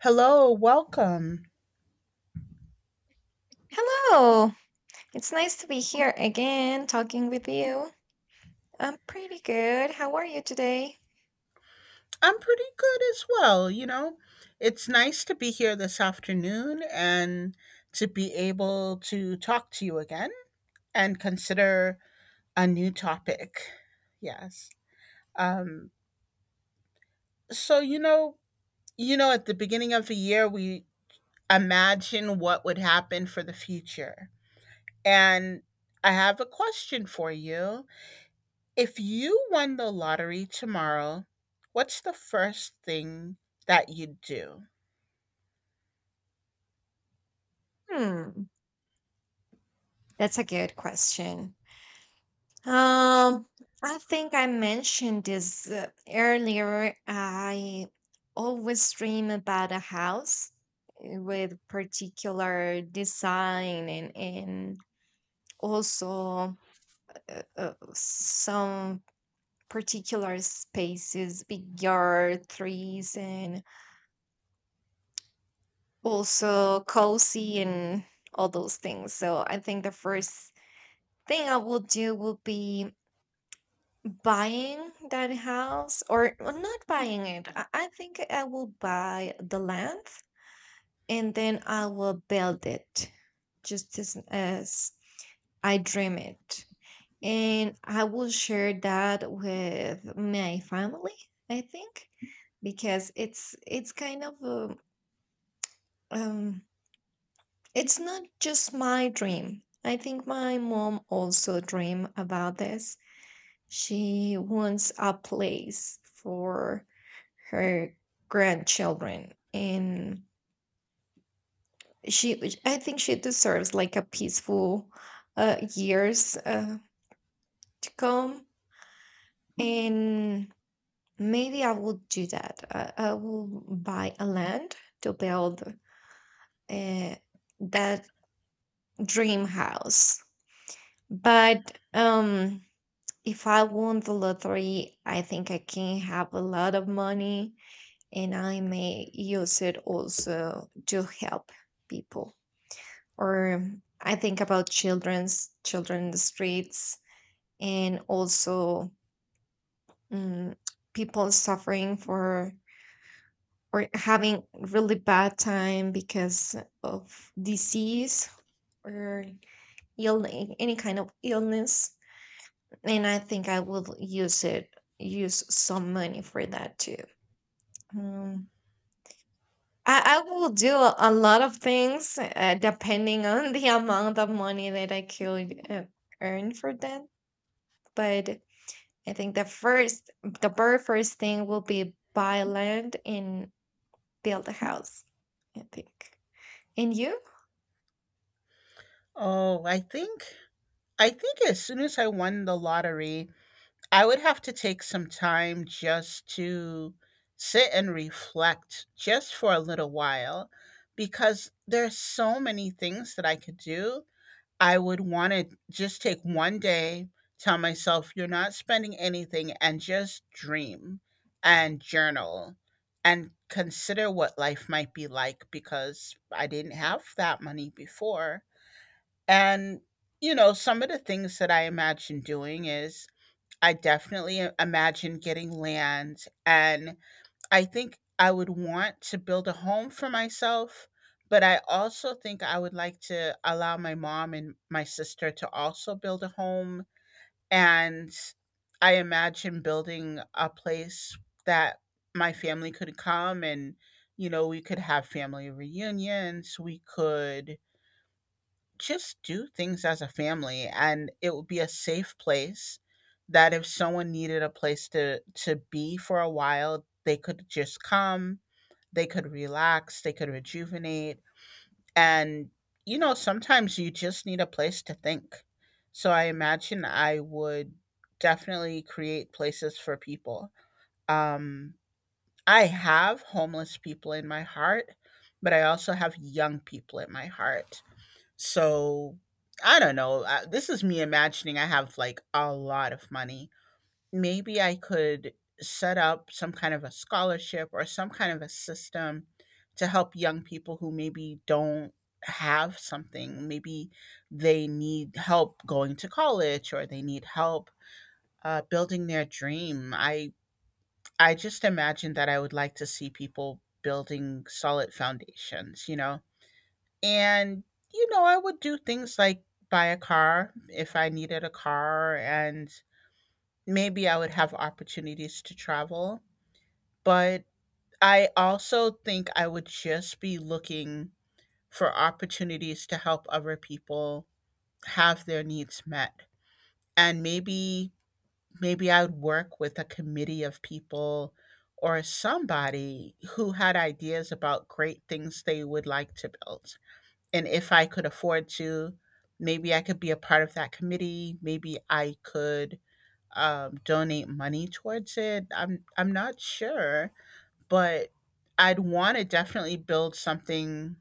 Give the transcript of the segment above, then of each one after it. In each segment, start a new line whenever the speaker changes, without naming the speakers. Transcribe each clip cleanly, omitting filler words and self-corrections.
Hello, welcome.
Hello. It's nice to be here again talking with you. I'm pretty good. How are you today?
I'm pretty good as well, you know. It's nice to be here this afternoon and to be able to talk to you again and consider a new topic. Yes. Um so you know, you know at the beginning of the year we imagine what would happen for the future. And I have a question for you. If you won the lottery tomorrow, what's the first thing that you'd do?
Hmm, that's a good question. Um, I think I mentioned this earlier. I always dream about a house, with particular design and also, some particular spaces, big yard, trees, and also cozy and all those things. So I think the first thing I will do will be buying that house, or not buying it. I think I will buy the land, and then I will build it just as I dream it. And I will share that with my family, I think, because it's kind of a um It's not just my dream. I think my mom also dream about this. She wants a place for her grandchildren, and she I think she deserves like a peaceful years to come. And maybe I will do that. I will buy a land to build uh, that dream house. But if I won the lottery, I think I can have a lot of money, and I may use it also to help people. Or I think about children's children in the streets, and also mm, people suffering for, or having really bad time because of disease, or ill any kind of illness. And I think I will use some money for that too. Um, I will do a lot of things, depending on the amount of money that I could earn for that. But I think the very first thing will be buy land and build a house, I think. And you?
Oh, I think as soon as I won the lottery, I would have to take some time just to sit and reflect just for a little while because there's so many things that I could do. I would want to just take one day, tell myself you're not spending anything, and just dream and journal and consider what life might be like because I didn't have that money before. And, you know, some of the things that I imagine doing is I definitely imagine getting land and I think I would want to build a home for myself, but I also think I would like to allow my mom and my sister to also build a home. And I imagine building a place that my family could come and, you know, we could have family reunions. We could just do things as a family, and it would be a safe place that if someone needed a place to be for a while, they could just come. They could relax, they could rejuvenate. And, you know, sometimes you just need a place to think. So I imagine I would definitely create places for people. Um, I have homeless people in my heart, but I also have young people in my heart. So I don't know. This is me imagining I have like a lot of money. Maybe I could set up some kind of a scholarship or some kind of a system to help young people who maybe don't have something. Maybe they need help going to college or they need help building their dream. I just imagine that I would like to see people building solid foundations, you know. And you know, I would do things like buy a car if I needed a car, and maybe I would have opportunities to travel, but I also think I would just be looking for opportunities to help other people have their needs met. And maybe I would work with a committee of people or somebody who had ideas about great things they would like to build. And if I could afford to, maybe I could be a part of that committee, maybe I could donate money towards it. I'm not sure, but I'd want to definitely build something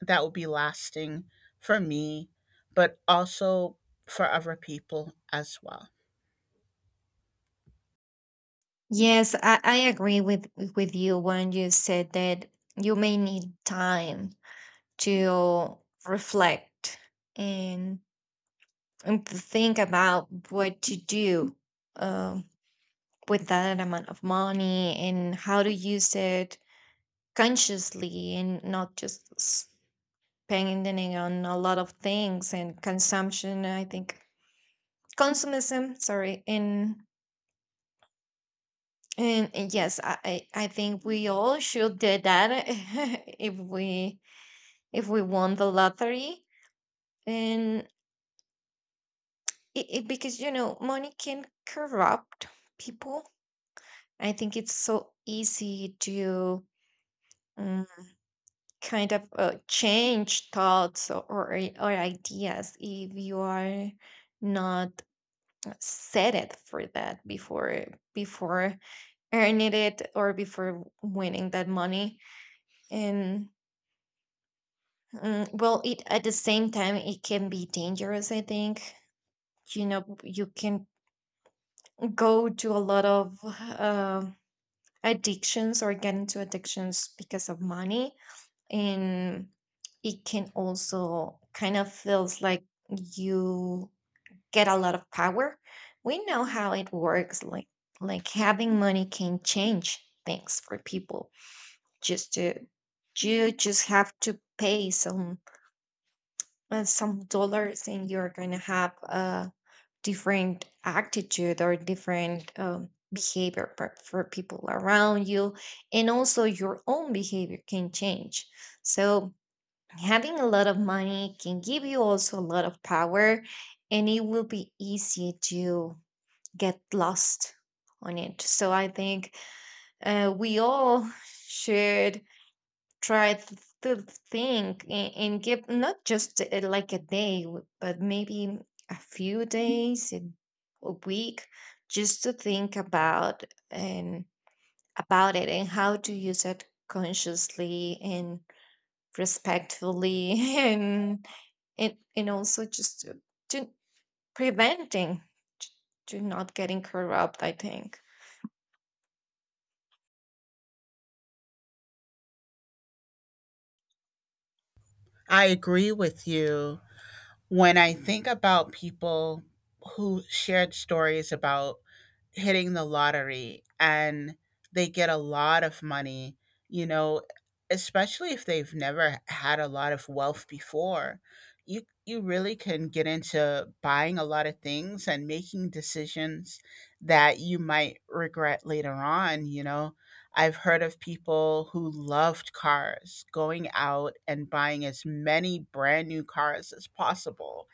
that would be lasting for me, but also for other people as well.
Yes, I agree with you when you said that you may need time to reflect, and, and to think about what to do. Um. With that amount of money and how to use it consciously, and not just spending on a lot of things and consumption, I think — consumism, sorry — and yes, I think we all should do that if we won the lottery, and it because you know money can corrupt people. I think it's so easy to mm, kind of change thoughts, or ideas if you are not set it for that before earning it, or before winning that money. And well, it at the same time it can be dangerous, I think. You know, you can go to a lot of addictions, or get into addictions because of money. And it can also kind of feels like you get a lot of power. We know how it works, like having money can change things for people. Just to You just have to pay some dollars, and you're going to have a different attitude, or different behavior for people around you. And also your own behavior can change. So having a lot of money can give you also a lot of power, and it will be easy to get lost on it. So I think we all should try to think, and give not just like a day, but maybe a few days, and a week, just to think about and about it, and how to use it consciously and respectfully and and also just to preventing, t- to not getting corrupt, I think.
I agree with you. When I think about people who shared stories about hitting the lottery and they get a lot of money, you know, especially if they've never had a lot of wealth before, you you really can get into buying a lot of things and making decisions that you might regret later on, you know. I've heard of people who loved cars going out and buying as many brand new cars as possible.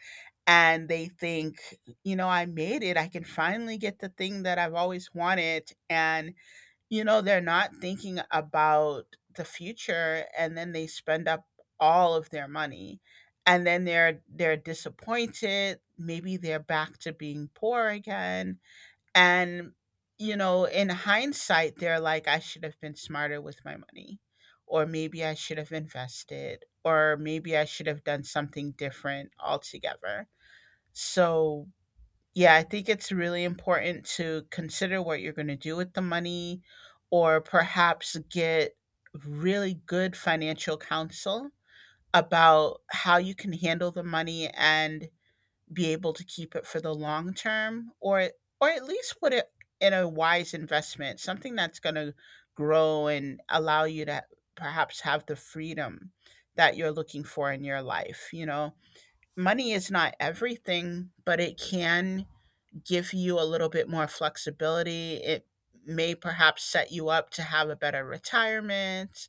And they think, you know, I made it. I can finally get the thing that I've always wanted. And, you know, they're not thinking about the future. And then they spend up all of their money. And then they're disappointed. Maybe they're back to being poor again and, you know, in hindsight, they're like, I should have been smarter with my money, or maybe I should have invested, or maybe I should have done something different altogether. So, yeah, I think it's really important to consider what you're going to do with the money, or perhaps get really good financial counsel about how you can handle the money and be able to keep it for the long term, or at least put it in a wise investment, something that's going to grow and allow you to perhaps have the freedom that you're looking for in your life, you know. Money is not everything, but it can give you a little bit more flexibility. It may perhaps set you up to have a better retirement.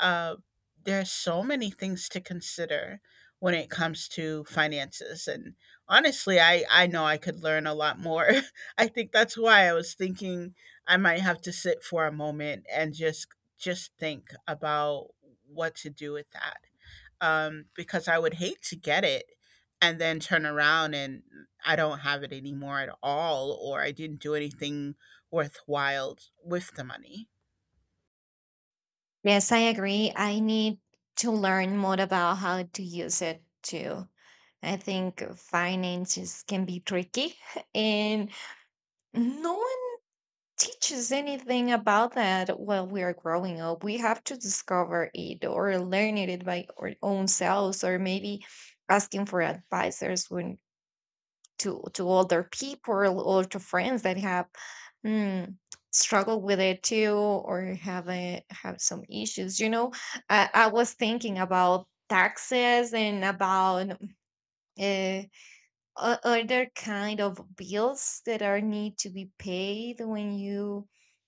uh, there are so many things to consider when it comes to finances, and honestly, I know I could learn a lot more. I think that's why I was thinking I might have to sit for a moment and just think about what to do with that. Um, because I would hate to get it and then turn around and I don't have it anymore at all, or I didn't do anything worthwhile with the money.
Yes, I agree. I need to learn more about how to use it too. I think finances can be tricky and no one teaches anything about that while we are growing up. We have to discover it or learn it by our own selves, or maybe asking for advisors when to other people, or to friends that have mm, struggled with it too, or have have some issues. I was thinking about taxes, and about uh, other kind of bills that are need to be paid when you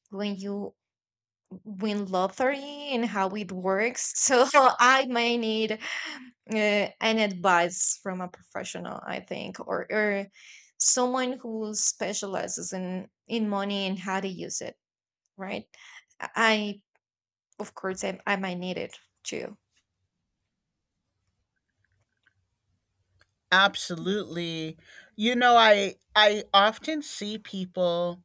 when you win lottery, and how it works. So I may need an advice from a professional, I think, or someone who specializes in money and how to use it, right? I Of course, I might need it too.
Absolutely. You know, I often see people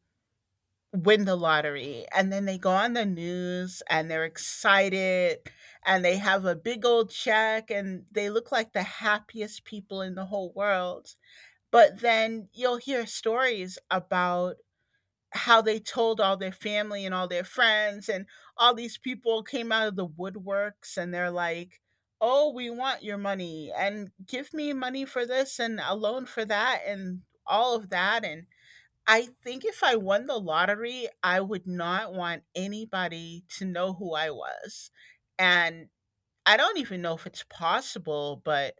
win the lottery and then they go on the news and they're excited, and they have a big old check and they look like the happiest people in the whole world. But then you'll hear stories about how they told all their family and all their friends, and all these people came out of the woodworks and they're like, oh, we want your money and give me money for this and a loan for that and all of that. And I think if I won the lottery, I would not want anybody to know who I was. And I don't even know if it's possible, but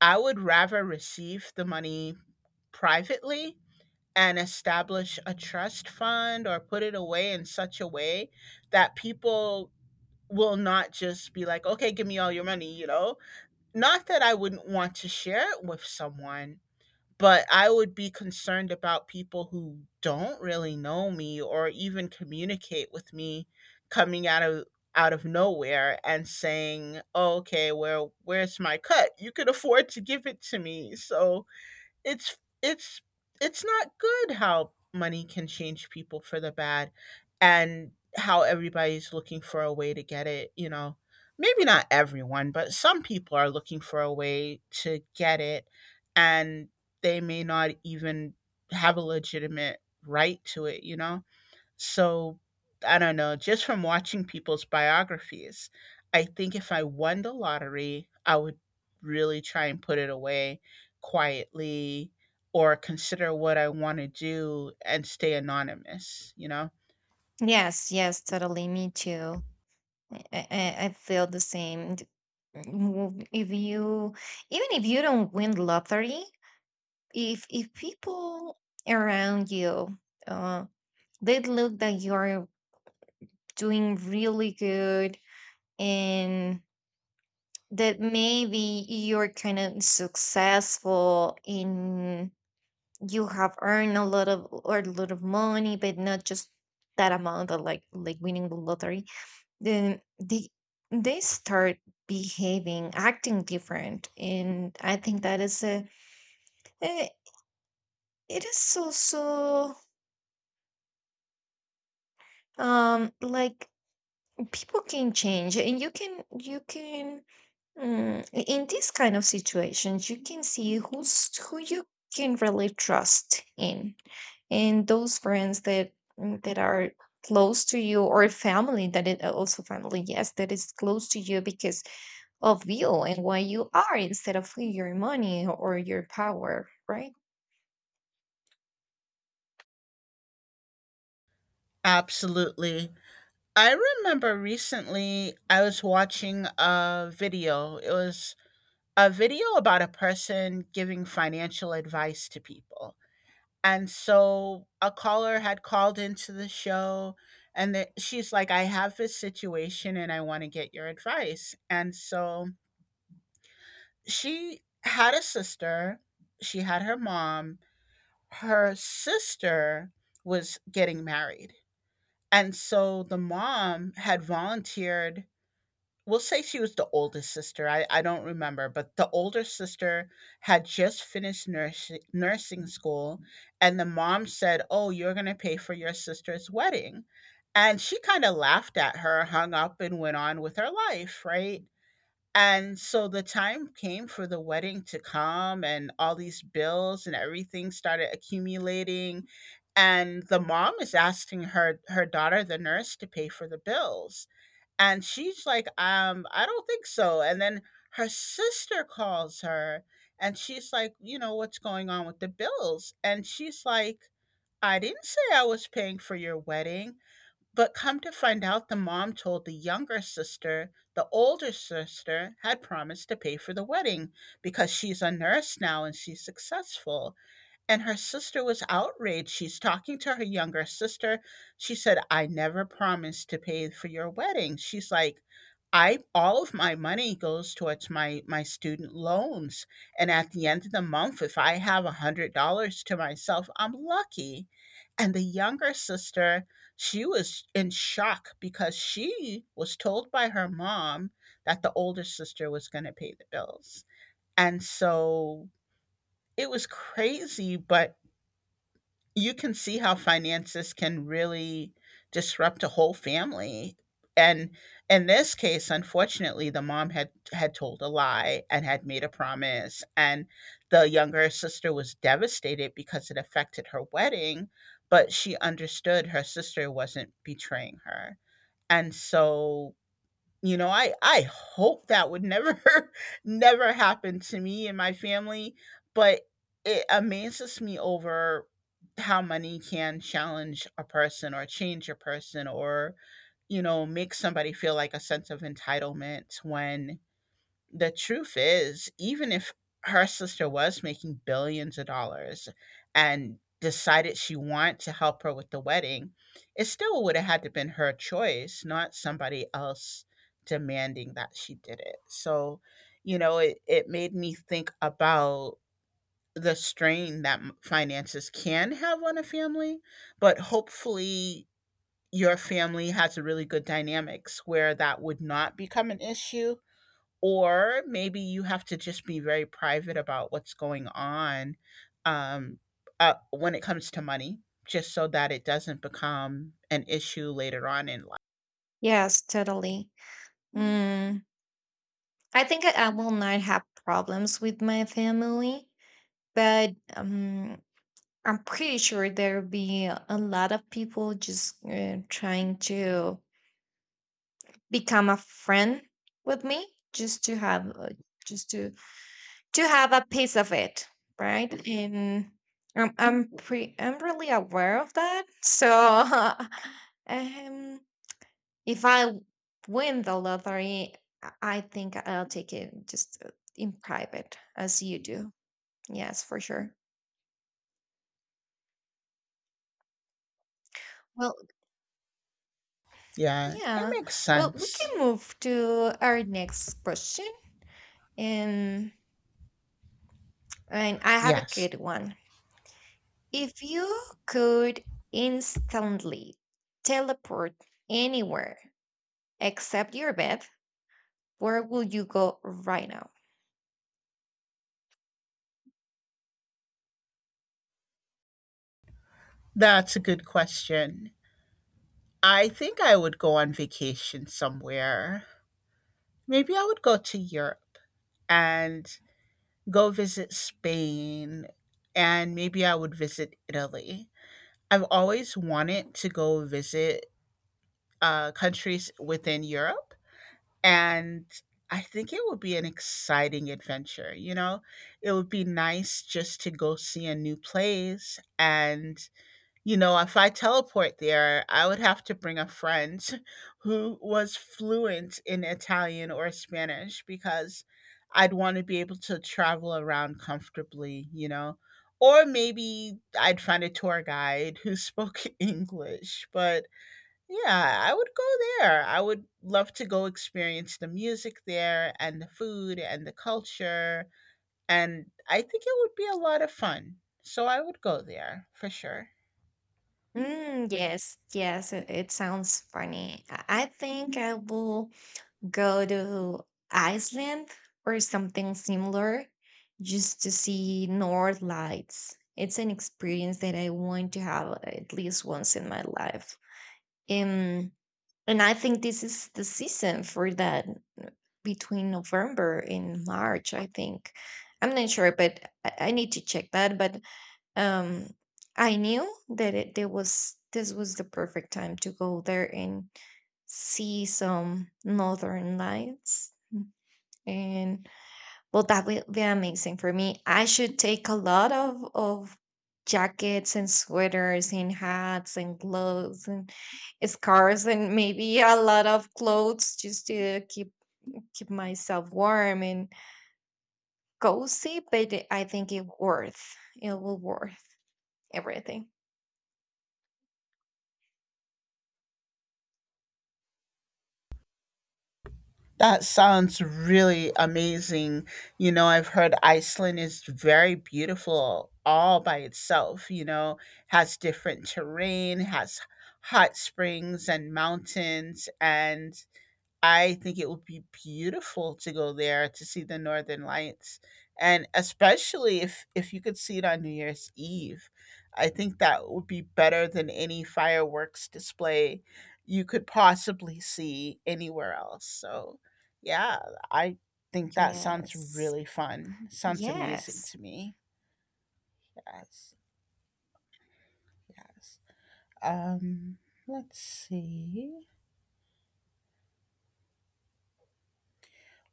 I would rather receive the money privately and establish a trust fund or put it away in such a way that people will not just be like, okay, give me all your money, you know? Not that I wouldn't want to share it with someone, but I would be concerned about people who don't really know me or even communicate with me coming out of nowhere and saying, oh, "Okay, well, where's my cut? You could afford to give it to me." So, it's it's it's not good how money can change people for the bad and how everybody's looking for a way to get it, you know. Maybe not everyone, but some people are looking for a way to get it, and they may not even have a legitimate right to it, you know? So I don't know, just from watching people's biographies, I think if I won the lottery, I would really try and put it away quietly or consider what I want to do and stay anonymous, you know?
Yes, yes, totally. Me too. I feel the same. If even if you don't win lottery, if people around you, uh, they look that you're doing really good, and that maybe you're kind of successful in you have earned a lot of money, but not just that amount of like winning the lottery, then they start behaving, acting different. And I think that is eh, it is also like, people can change, and you can in these kind of situations, you can see who you can really trust in, and those friends that are close to you, or family that is also family, yes, that is close to you because of you and why you are instead of who your money or your power, right?
Absolutely. I remember recently I was watching a video. It was a video about a person giving financial advice to people. And so a caller had called into the show, and that she's like, I have this situation and I want to get your advice. And so she had a sister, she had her mom, her sister was getting married. And so the mom had volunteered. We'll say she was the oldest sister, I don't remember, but the older sister had just finished nursing school, and the mom said, "Oh, you're gonna pay for your sister's wedding," and she kinda laughed at her, hung up, and went on with her life, right? And so the time came for the wedding to come, and all these bills and everything started accumulating, and the mom is asking her daughter, the nurse, to pay for the bills. And she's like, I don't think so. And then her sister calls her and she's like, you know, what's going on with the bills? And she's like, I didn't say I was paying for your wedding. But come to find out, the mom told the younger sister the older sister had promised to pay for the wedding because she's a nurse now and she's successful. And her sister was outraged. She's talking to her younger sister. She said, "I never promised to pay for your wedding." She's like, "I all of my money goes towards my student loans, and at the end of the month if I have $100 to myself, I'm lucky." And the younger sister, she was in shock because she was told by her mom that the older sister was gonna pay the bills. And so it was crazy, but you can see how finances can really disrupt a whole family and, in this case, unfortunately the mom had told a lie and had made a promise, and the younger sister was devastated because it affected her wedding, but she understood her sister wasn't betraying her. And so I hope that would never never happen to me and my family. But it amazes me over how money can challenge a person or change a person, or make somebody feel like a sense of entitlement when the truth is, even if her sister was making billions of dollars and decided she wanted to help her with the wedding, it still would have had to been her choice, not somebody else demanding that she did it. So, it made me think about the strain that finances can have on a family, but hopefully your family has a really good dynamics where that would not become an issue, or maybe you have to just be very private about what's going on um, when it comes to money, just so that it doesn't become an issue later on in life.
Yes, totally. Mm, I think I will not have problems with my family, but I'm pretty sure there'll be a lot of people just trying to become a friend with me, just to have uh, just to have a piece of it, right? And I'm really aware of that. So um if I win the lottery, I I think I'll take it just in private as you do. Yes, for sure. Well,
Yeah, it
yeah.
makes
Well, we
sense.
can move to our next question. And, and I have a
Yes,
good one. If you could instantly teleport anywhere except your bed, where would you go right now?
that's a good question. I think I would go on vacation somewhere. Maybe I would go to Europe and go visit Spain, and maybe I would visit Italy. I've always wanted to go visit countries within Europe. And I think it would be an exciting adventure. You know, it would be nice just to go see a new place. And, you know, if I teleport there, I would have to bring a friend who was fluent in Italian or Spanish because I'd want to be able to travel around comfortably, you know. Or maybe I'd find a tour guide who spoke English, but yeah, I would go there. I would love to go experience the music there and the food and the culture. And I think it would be a lot of fun. So I would go there for sure.
Yes, yes, it sounds funny. I think I will go to Iceland, or something similar, just to see North Lights. It's an experience that I want to have at least once in my life. Um, and I think this is the season for that, uh, between November and March, I think. I'm not sure, but I need to check that. But um I knew that it there was this was the perfect time to go there and see some northern lights Mm. And well, that will be amazing for me. I should take a lot of jackets and sweaters and hats and gloves and scarves, and maybe a lot of clothes, just to keep myself warm and cozy. But I think it worth it will worth everything.
That sounds really amazing. You know, I've heard Iceland is very beautiful all by itself, you know, has different terrain, has hot springs and mountains, and I think it would be beautiful to go there to see the northern lights, and especially if you could see it on New Year's Eve. I think that would be better than any fireworks display you could possibly see anywhere else. So, yeah, I think that sounds
Yes.
really fun. Sounds amazing
Yes.
to me. Yes. Yes. Um, let's see.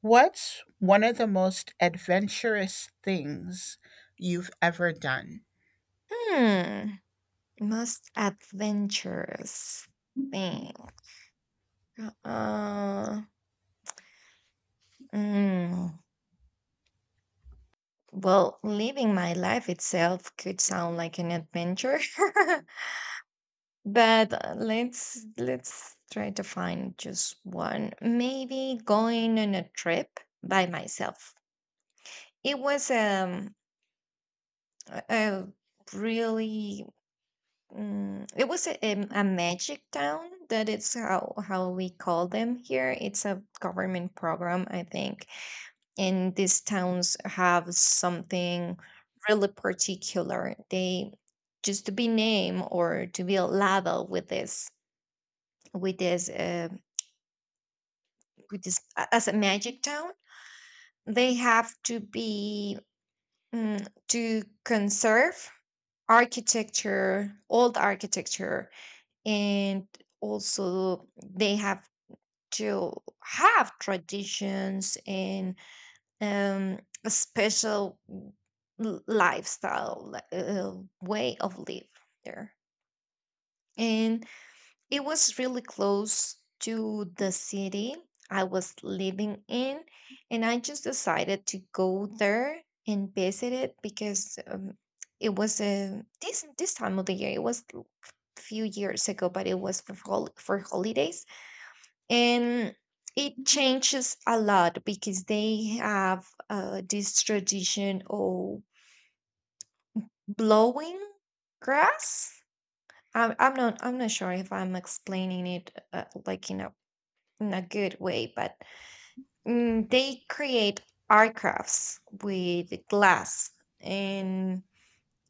What's one of the most adventurous things you've ever done?
Hmm. Most adventurous thing. Uh, mm. Well, living my life itself could sound like an adventure but let's try to find just one. Maybe going on a trip by myself. It was um a a really it was a magic town. That it's how we call them here. It's a government program, I think, and these towns have something really particular. They, just to be named or to be labeled with this uh, as a magic town. They have to be, to conserve architecture, old architecture, and also they have to have traditions, and um, a special lifestyle, like, way of live there. And it was really close to the city I was living in, and I just decided to go there and visit it, because it was a this this time of the year. It was few years ago, but it was for holidays. And it changes a lot because they have this tradition of blowing grass. I'm not sure if I'm explaining it like in a good way, but they create aircrafts with glass, and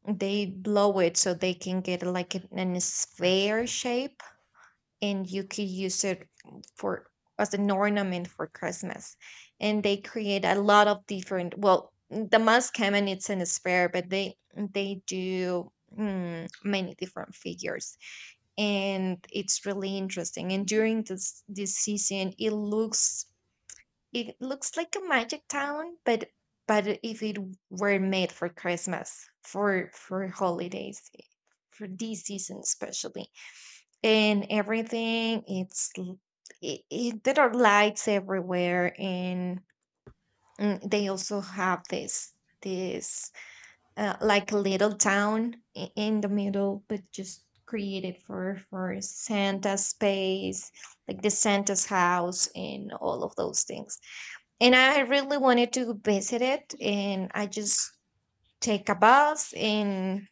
they blow it so they can get like an
Yes.
sphere shape, and you could use it for as an ornament for Christmas. And they create a lot of different. Well, the most common it's in a sphere, but they do, many different figures, and it's really interesting. And during this season, it looks like a magic town, but if it were made for Christmas, for holidays, for this season especially, and everything it's l- I it, there are lights everywhere. And they also have this this like a little town, in the middle, but just created for Santa's space, like the Santa's house and all of those things. And I really wanted to visit it, and I just take a bus, and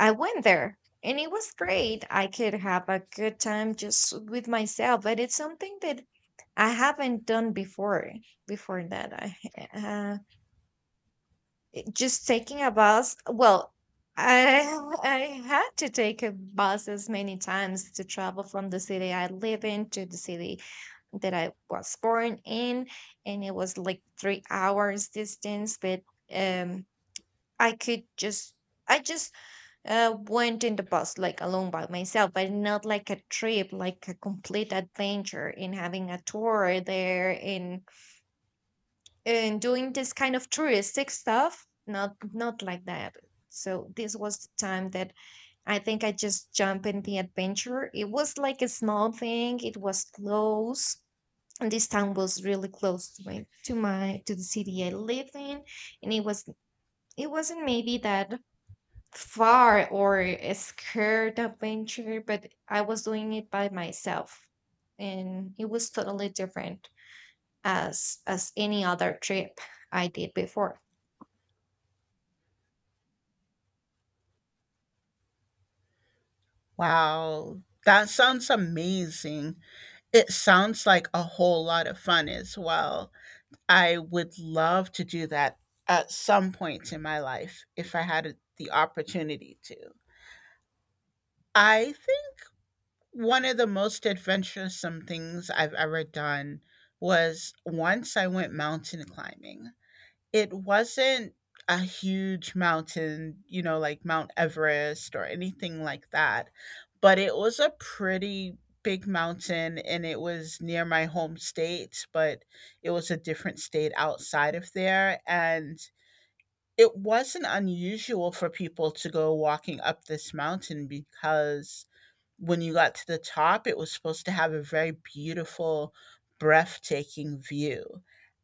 I went there, and it was great. I could have a good time just with myself, but it's something that I haven't done before. Before that, I, uh, just taking a bus. Well, I I had to take a buses many times to travel from the city I live in to the city that I was born in, and it was like 3 hours distance. But um, I could just, I just went in the bus like alone by myself, but not like a trip, like a complete adventure in having a tour there in doing this kind of touristic stuff. Not like that. So this was the time that I think I just jumped in the adventure. It was like a small thing. It was close. And this town was really close to the city I lived in. And it wasn't maybe that far, or a scared adventure, but I was doing it by myself. And it was totally different as any other trip I did before.
Wow, that sounds amazing. It sounds like a whole lot of fun as well. I would love to do that at some point in my life if I had the opportunity to. I think one of the most adventuresome things I've ever done was once I went mountain climbing. It wasn't a huge mountain, you know, like Mount Everest or anything like that, but it was a pretty big mountain and it was near my home state, but it was a different state outside of there. And it wasn't unusual for people to go walking up this mountain because when you got to the top, it was supposed to have a very beautiful, breathtaking view.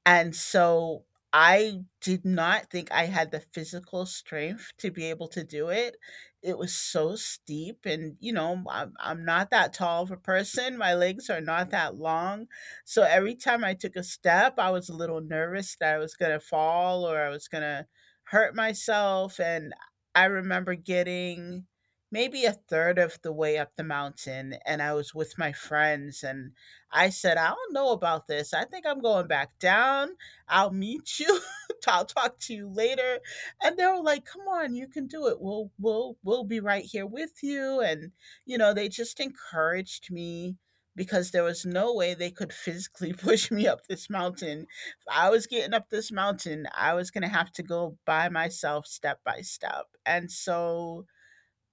And so I did not think I had the physical strength to be able to do it. It was so steep. And, you know, I'm not that tall of a person. My legs are not that long. So every time I took a step, I was a little nervous that I was going to fall or I was going to hurt myself. And I remember getting maybe a third of the way up the mountain, and I was with my friends, and I said, "I don't know about this. I think I'm going back down. I'll meet you. I'll talk to you later." And they were like, "Come on, you can do it. We'll be right here with you." And you know, they just encouraged me because there was no way they could physically push me up this mountain. If I was getting up this mountain, I was going to have to go by myself step by step. And so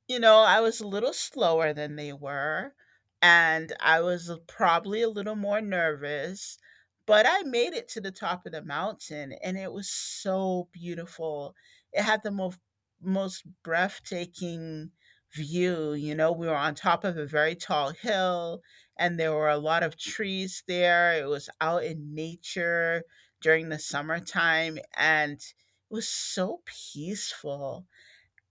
you know, I was a little slower than they were, and I was l probably a little more nervous, but I made it to the top of the mountain, and it was so beautiful. It had the most breathtaking view. You know, we were on top of a very tall hill, and there were a lot of trees there. It was out in nature during the summertime, and it was so peaceful.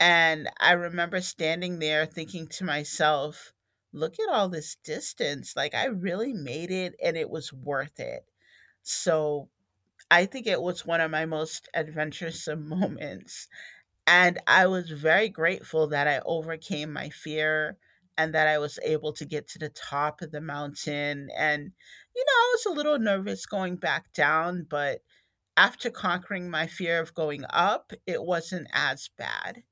And I remember standing there thinking to myself, look at all this distance. Like, I really made it, and it was worth it. So, I think it was one of my most adventuresome moments. And I was very grateful that I overcame my fear and that I was able to get to the top of the mountain. And, you know, I was a little nervous going back down, but after conquering my fear of going up, it wasn't as bad.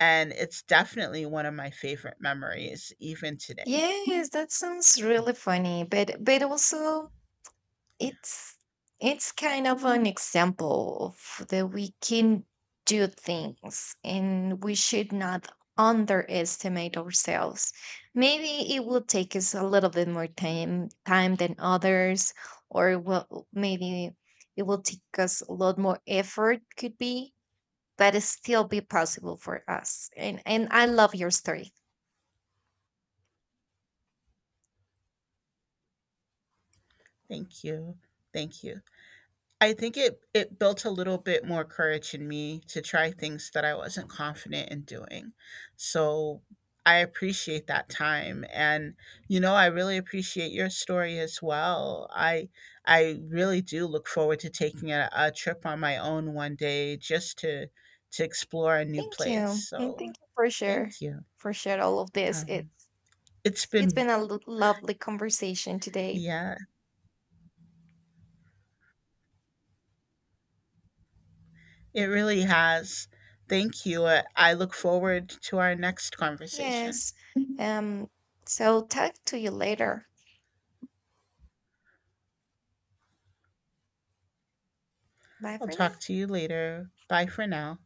And it's definitely one of my favorite memories even today.
Yes, that sounds really funny, but also
Yeah.
it's it's kind of an example of that we can do things, and we should not underestimate ourselves. Maybe it will take us a little bit more time than others, or will maybe it will take us a lot more effort, could be, but it still be possible for us. And I love your story.
Thank you. Thank you. I think it built a little bit more courage in me to try things that I wasn't confident in doing. So I appreciate that time, and you know I really appreciate your story as well. I really do look forward to taking a trip on my own one day, just to explore a new
Thank
place.
you, and
So
thank you for share
thank you.
all of this
Um,
it's
it's
s- It's
been
been a lovely conversation today.
yeah. It really has. Thank you. I look forward to our next conversation.
Yes. Mhm. So talk to you later. Bye
I'll
for now.
talk to you later. Bye for now.